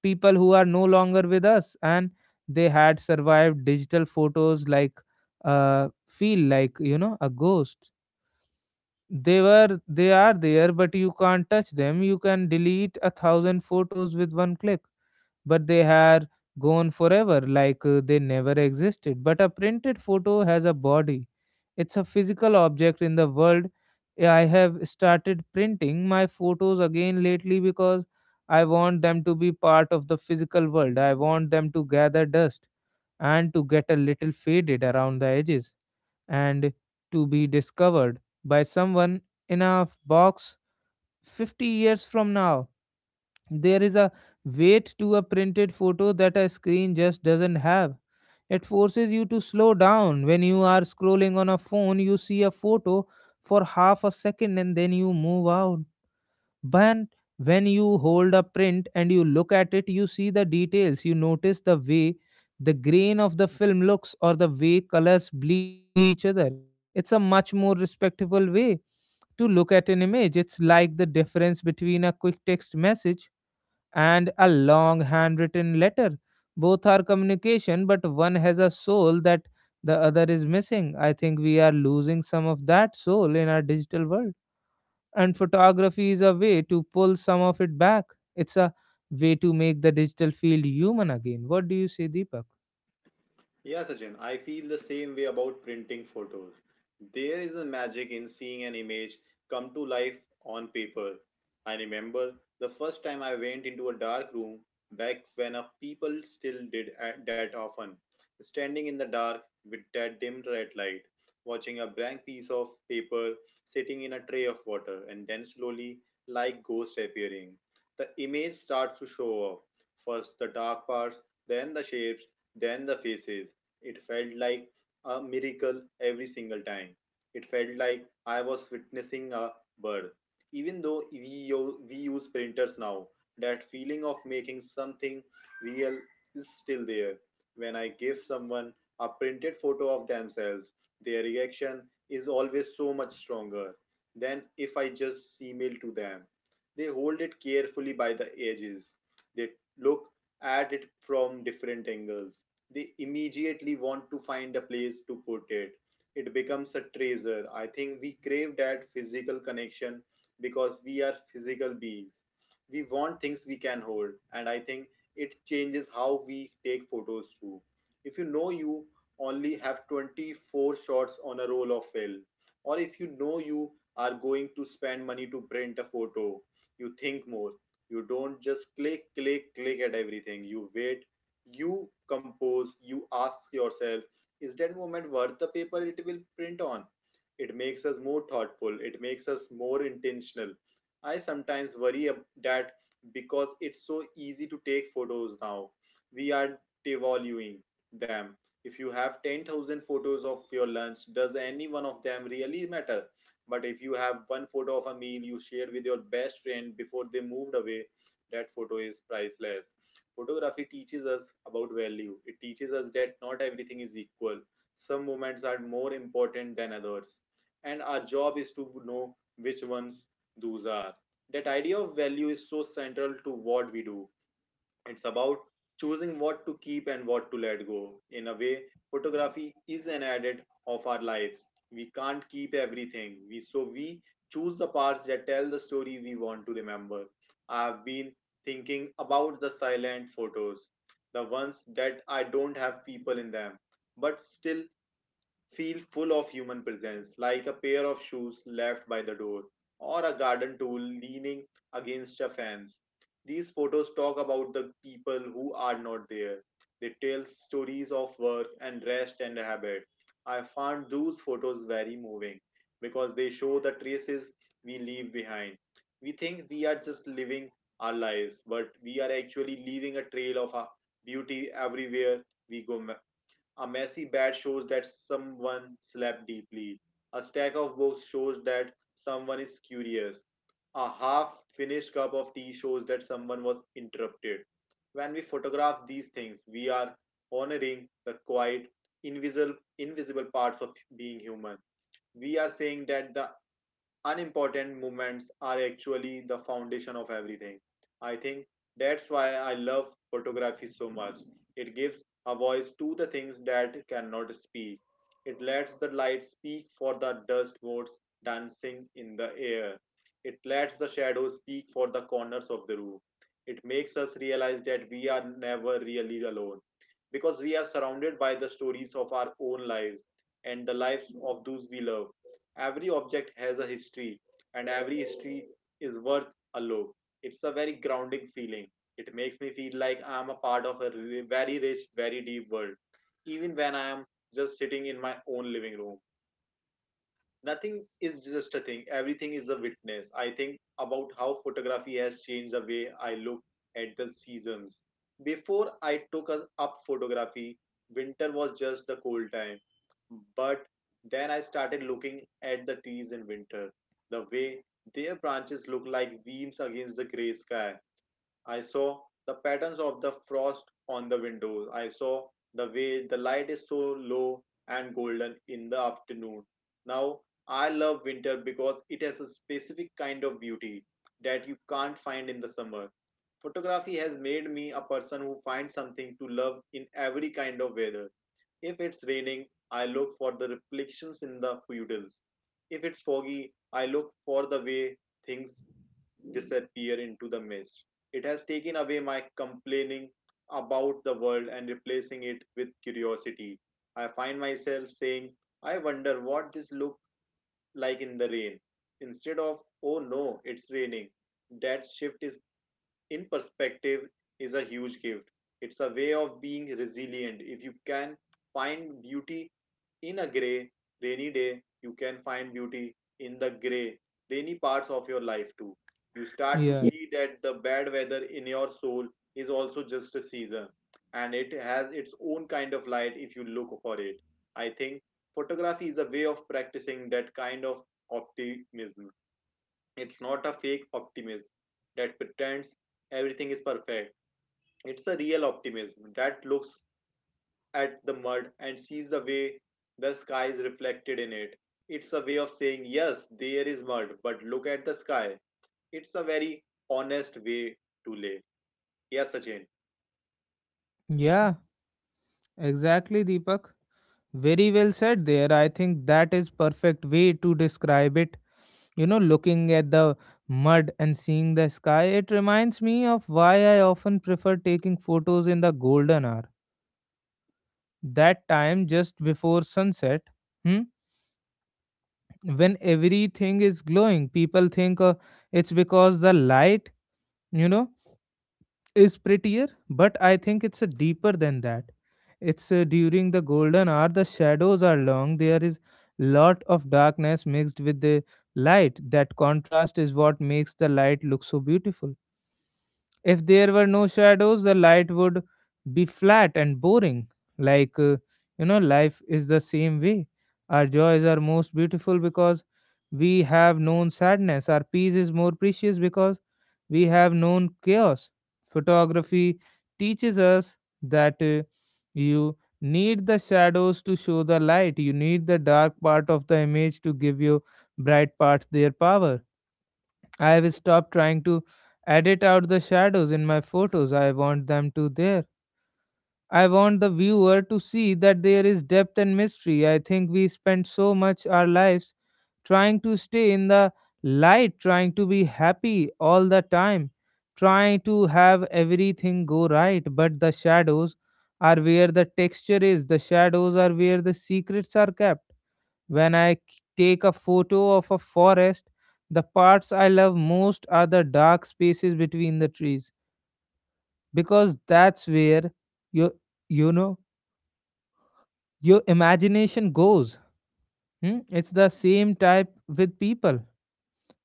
S1: people who are no longer with us, and they had survived. Digital photos like feel like a ghost. They are there, but you can't touch them. You can delete a thousand photos with one click, but they are gone forever, like, they never existed. But a printed photo has a body, it's a physical object in the world. Yeah, I have started printing my photos again lately because I want them to be part of the physical world. I want them to gather dust and to get a little faded around the edges and to be discovered by someone in a box 50 years from now. There is a weight to a printed photo that a screen just doesn't have. It forces you to slow down. When you are scrolling on a phone, you see a photo for half a second and then you move on. But when you hold a print and you look at it, you see the details. You notice the way the grain of the film looks or the way colors bleed into each other. It's a much more respectable way to look at an image. It's like the difference between a quick text message and a long handwritten letter. Both are communication, but one has a soul that the other is missing. I think we are losing some of that soul in our digital world. And photography is a way to pull some of it back. It's a way to make the digital field human again. What do you say, Deepak?
S2: Yeah, Sachin, I feel the same way about printing photos. There is a magic in seeing an image come to life on paper. I remember the first time I went into a dark room back when a people still did that often, standing in the dark with that dim red light, watching a blank piece of paper sitting in a tray of water and then slowly, like ghosts appearing. The image starts to show up. First the dark parts, then the shapes, then the faces. It felt like a miracle every single time. It felt like I was witnessing a birth. Even though we use printers now, that feeling of making something real is still there. When I give someone a printed photo of themselves, their reaction is always so much stronger than if I just email to them. They hold it carefully by the edges. They look at it from different angles. They immediately want to find a place to put it. It becomes a treasure. I think we crave that physical connection because we are physical beings. We want things we can hold, and I think it changes how we take photos too. If you know you only have 24 shots on a roll of film, or if you know you are going to spend money to print a photo, you think more. You don't just click click click at everything. You wait, you compose, you ask yourself, is that moment worth the paper it will print on? It makes us more thoughtful, it makes us more intentional. I sometimes worry that because it's so easy to take photos now, we are devaluing them. If you have 10,000 photos of your lunch, does any one of them really matter? But if you have one photo of a meal you shared with your best friend before they moved away, that photo is priceless. Photography teaches us about value. It teaches us that not everything is equal. Some moments are more important than others. And our job is to know which ones those are. That idea of value is so central to what we do. It's about choosing what to keep and what to let go. In a way, photography is an edit of our lives. We can't keep everything. We so we choose the parts that tell the story we want to remember. I have been thinking about the silent photos, the ones that I don't have people in them, but still feel full of human presence, like a pair of shoes left by the door or a garden tool leaning against a fence. These photos talk about the people who are not there. They tell stories of work and rest and habit. I found those photos very moving because they show the traces we leave behind. We think we are just living our lives, but we are actually leaving a trail of our beauty everywhere we go. A messy bed shows that someone slept deeply. A stack of books shows that someone is curious. A half finished cup of tea shows that someone was interrupted. When we photograph these things, we are honoring the quiet, invisible parts of being human. We are saying that the unimportant moments are actually the foundation of everything. I think that's why I love photography so much. It gives a voice to the things that cannot speak. It lets the light speak for the dust motes dancing in the air. It lets the shadows speak for the corners of the room. It makes us realize that we are never really alone because we are surrounded by the stories of our own lives and the lives of those we love. Every object has a history, and every history is worth a look. It's a very grounding feeling. It makes me feel like I'm a part of a very rich, very deep world, even when I am just sitting in my own living room. Nothing is just a thing, everything is a witness. I think about how photography has changed the way I look at the seasons. Before I took up photography, winter was just the cold time, but then I started looking at the trees in winter, the way their branches look like veins against the gray sky. I saw the patterns of the frost on the windows. I saw the way the light is so low and golden in the afternoon. Now, I love winter because it has a specific kind of beauty that you can't find in the summer. Photography has made me a person who finds something to love in every kind of weather. If it's raining, I look for the reflections in the puddles. If it's foggy, I look for the way things disappear into the mist. It has taken away my complaining about the world and replacing it with curiosity. I find myself saying, I wonder what this looks like in the rain, instead of, oh no, it's raining. That shift is in perspective is a huge gift. It's a way of being resilient. If you can find beauty in a grey, rainy day, you can find beauty in the grey, rainy parts of your life too. You start to
S1: Yeah,
S2: see that the bad weather in your soul is also just a season and it has its own kind of light if you look for it. I think photography is a way of practicing that kind of optimism. It's not a fake optimism that pretends everything is perfect. It's a real optimism that looks at the mud and sees the way the sky is reflected in it. It's a way of saying, yes, there is mud, but look at the sky. It's a very honest way to live. Yes, Sachin.
S1: yeah, exactly, Deepak. Very well said there. I think that is perfect way to describe it. You know, looking at the mud and seeing the sky, it reminds me of why I often prefer taking photos in the golden hour. That time just before sunset, hmm, when everything is glowing, people think, it's because the light, you know, is prettier, but I think it's, deeper than that. It's, during the golden hour, the shadows are long, there is lot of darkness mixed with the light. That contrast is what makes the light look so beautiful. If there were no shadows, the light would be flat and boring. Like, you know, life is the same way. Our joys are most beautiful because we have known sadness. Our peace is more precious because we have known chaos. Photography teaches us that, you need the shadows to show the light. You need the dark part of the image to give you bright parts their power. I have stopped trying to edit out the shadows in my photos. I want them to there. I want the viewer to see that there is depth and mystery. I think we spend so much our lives trying to stay in the light, trying to be happy all the time, trying to have everything go right, but the shadows are where the texture is. The shadows are where the secrets are kept. When take a photo of a forest, the parts I love most are the dark spaces between the trees because that's where your you know your imagination goes. Hmm? It's the same type with people.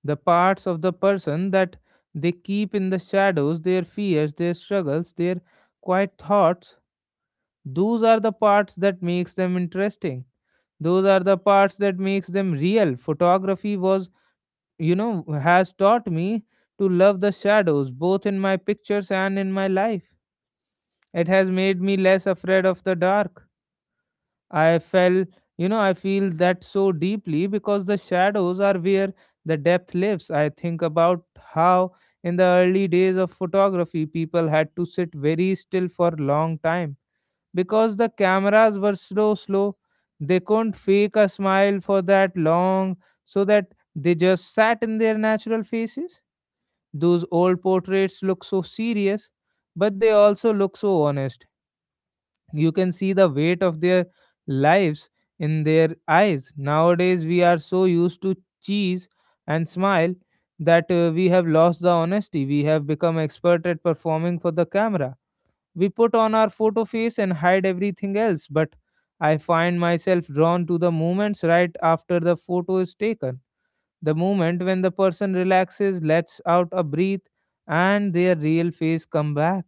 S1: The parts of the person that they keep in the shadows, their fears, their struggles, their quiet thoughts, those are the parts that makes them interesting. Those are the parts that makes them real. Photography was has taught me to love the shadows, both in my pictures and in my life. It has made me less afraid of the dark. I felt, I feel that so deeply because the shadows are where the depth lives. I think about how in the early days of photography, people had to sit very still for long time because the cameras were slow, slow. They couldn't fake a smile for that long, so that they just sat in their natural faces. Those old portraits look so serious, but they also look so honest. You can see the weight of their lives in their eyes. Nowadays, we are so used to cheese and smile that, we have lost the honesty. We have become expert at performing for the camera. We put on our photo face and hide everything else, but I find myself drawn to the moments right after the photo is taken. The moment when the person relaxes, lets out a breath, and their real face come back.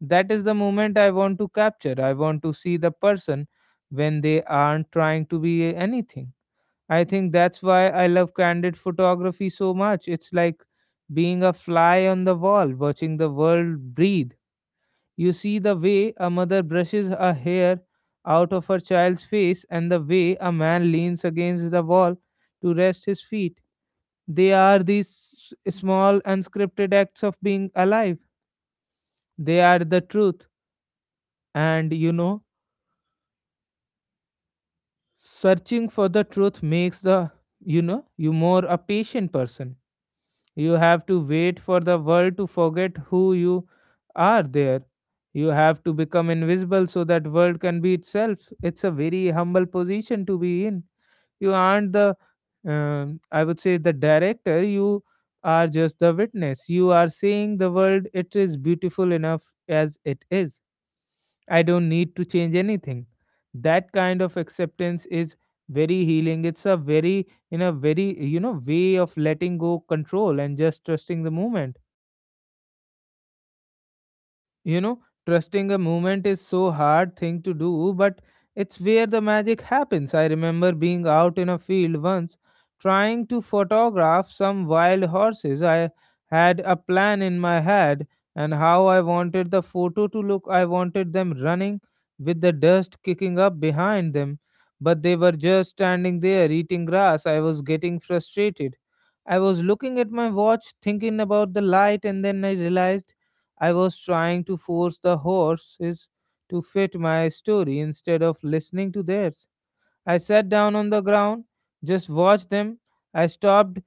S1: That is the moment I want to capture. I want to see the person when they aren't trying to be anything. I think that's why I love candid photography so much. It's like being a fly on the wall, watching the world breathe. You see the way a mother brushes a hair out of her child's face and the way a man leans against the wall to rest his feet. They are these small unscripted acts of being alive. They are the truth. And you know, searching for the truth makes the you more a patient person. You have to wait for the world to forget who you are there. You have to become invisible so that world can be itself. It's a very humble position to be in. You aren't the, I would say, the director. You are just the witness. You are saying the world, it is beautiful enough as it is. I don't need to change anything. That kind of acceptance is very healing. It's a very, in a very, you know, way of letting go control and just trusting the moment. You know, trusting a movement is so hard thing to do, but it's where the magic happens. I remember being out in a field once trying to photograph some wild horses. I had a plan in my head and how I wanted the photo to look. I wanted them running with the dust kicking up behind them, but they were just standing there eating grass. I was getting frustrated. I was looking at my watch thinking about the light, and then I realized I was trying to force the horses to fit my story instead of listening to theirs. I sat down on the ground, just watched them. I stopped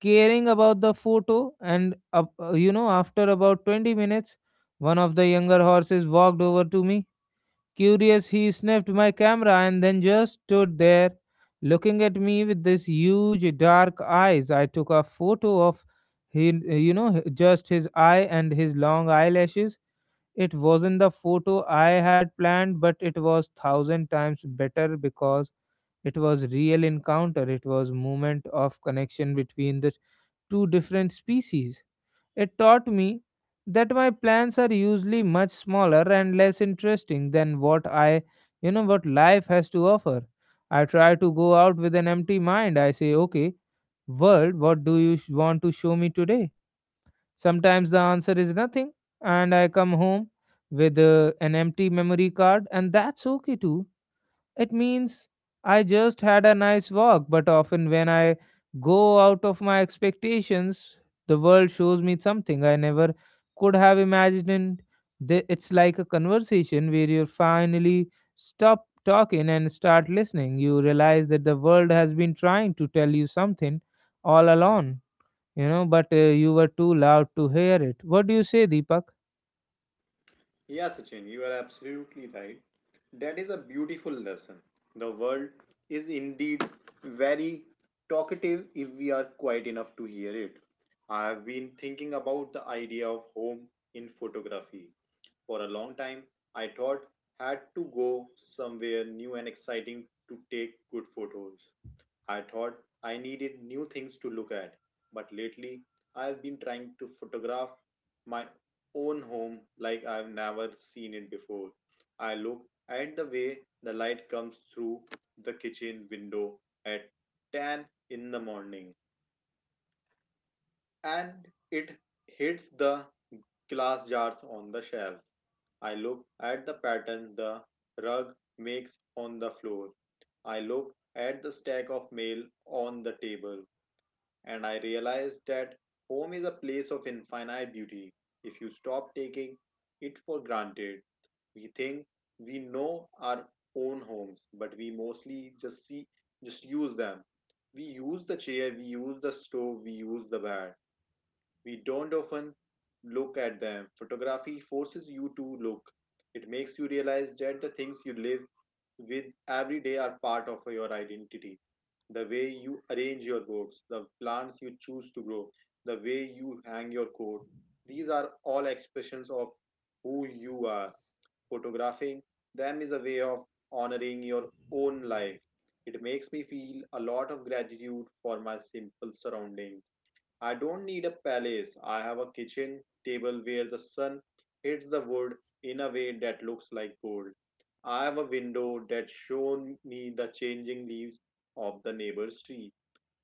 S1: caring about the photo, and you know, after about 20 minutes, one of the younger horses walked over to me. Curious, he sniffed my camera and then just stood there looking at me with these huge dark eyes. I took a photo of he just his eye and his long eyelashes. It wasn't the photo I had planned, but it was thousand times better because it was real encounter. It was moment of connection between the two different species. It taught me that my plans are usually much smaller and less interesting than what I, what life has to offer. I try to go out with an empty mind. I say, okay, world, what do you want to show me today? Sometimes the answer is nothing, and I come home with, an empty memory card, and that's okay too. It means I just had a nice walk, but often when I go out of my expectations, the world shows me something I never could have imagined. It's like a conversation where you finally stop talking and start listening. You realize that the world has been trying to tell you something all along, you know, but, you were too loud to hear it. What do you say, Deepak?
S2: Yeah, Sachin, you are absolutely right. That is a beautiful lesson. The world is indeed very talkative if we are quiet enough to hear it. I have been thinking about the idea of home in photography. For a long time, I thought had to go somewhere new and exciting to take good photos. I thought I needed new things to look at, but lately I've been trying to photograph my own home like I've never seen it before. I look at the way the light comes through the kitchen window at 10 in the morning and it hits the glass jars on the shelf. I look at the pattern the rug makes on the floor. I look at the stack of mail on the table and I realized that home is a place of infinite beauty. If you stop taking it for granted, we think we know our own homes, but we mostly just see, just use them. We use the chair, we use the stove, we use the bed. We don't often look at them. Photography forces you to look. It makes you realize that the things you live with every day are part of your identity. The way you arrange your books, the plants you choose to grow, the way you hang your coat, these are all expressions of who you are. Photographing them is a way of honoring your own life. It makes me feel a lot of gratitude for my simple surroundings. I don't need a palace. I have a kitchen table where the sun hits the wood in a way that looks like gold. I have a window that shows me the changing leaves of the neighbor's tree.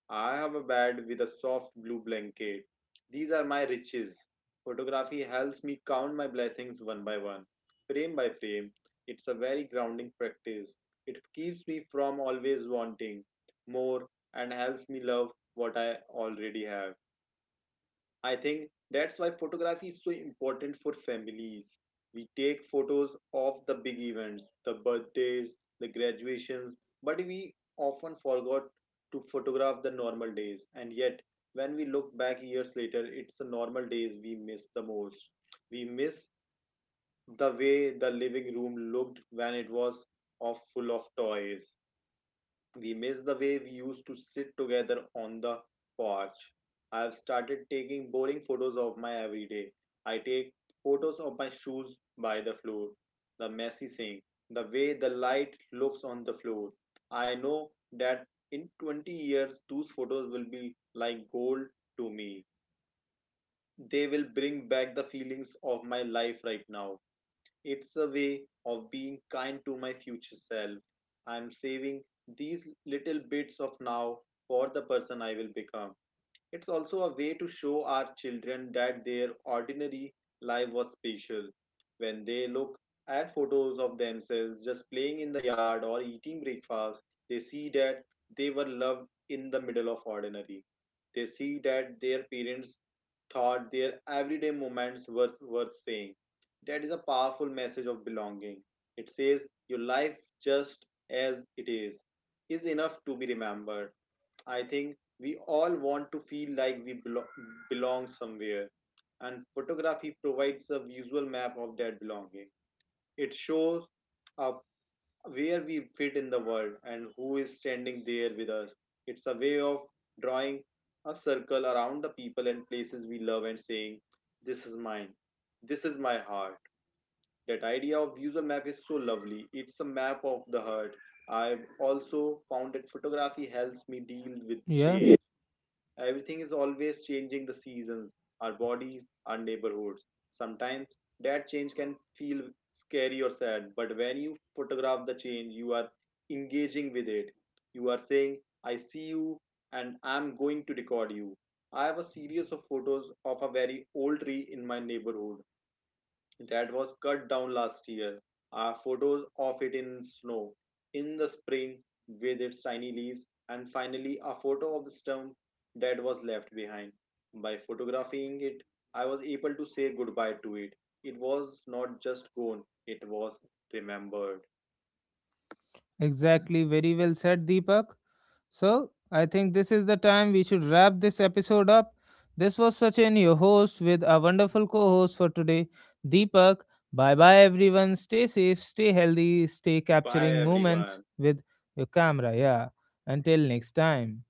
S2: I have a bed with a soft blue blanket. These are my riches. Photography helps me count my blessings one by one, frame by frame. It's a very grounding practice. It keeps me from always wanting more and helps me love what I already have. I think that's why photography is so important for families. We take photos of the big events, the birthdays, the graduations, but we often forgot to photograph the normal days. And yet, when we look back years later, it's the normal days we miss the most. We miss the way the living room looked when it was of full of toys, we miss the way we used to sit together on the porch. I've started taking boring photos of my everyday. I take photos of my shoes by the floor, the messy sink, the way the light looks on the floor. I know that in 20 years, those photos will be like gold to me. They will bring back the feelings of my life right now. It's a way of being kind to my future self. I'm saving these little bits of now for the person I will become. It's also a way to show our children that their ordinary life was special. When they look at photos of themselves just playing in the yard or eating breakfast, they see that they were loved in the middle of ordinary. They see that their parents thought their everyday moments were worth saying. That is a powerful message of belonging. It says your life just as it is enough to be remembered. I think we all want to feel like belong somewhere, and photography provides a visual map of that belonging. It shows up where we fit in the world and who is standing there with us. It's a way of drawing a circle around the people and places we love and saying, this is mine, this is my heart. That idea of visual map is so lovely. It's a map of the heart. I've also found that photography helps me deal with
S1: Yeah,
S2: change. Everything is always changing, the seasons, our bodies, our neighborhoods. Sometimes that change can feel scary or sad, but when you photograph the change, you are engaging with it. You are saying, I see you and I'm going to record you. I have a series of photos of a very old tree in my neighborhood that was cut down last year. Are photos of it in snow in the spring with its shiny leaves, and finally a photo of the stump that was left behind. By photographing it, I was able to say goodbye to it. It was not just gone, it was remembered
S1: exactly. Very well said, Deepak. So, I think this is the time we should wrap this episode up. This was Sachin, your host, with our wonderful co host for today, Deepak. Bye bye, everyone. Stay safe, stay healthy, stay
S2: by
S1: capturing moments
S2: everyone.
S1: with your camera. Yeah, until next time.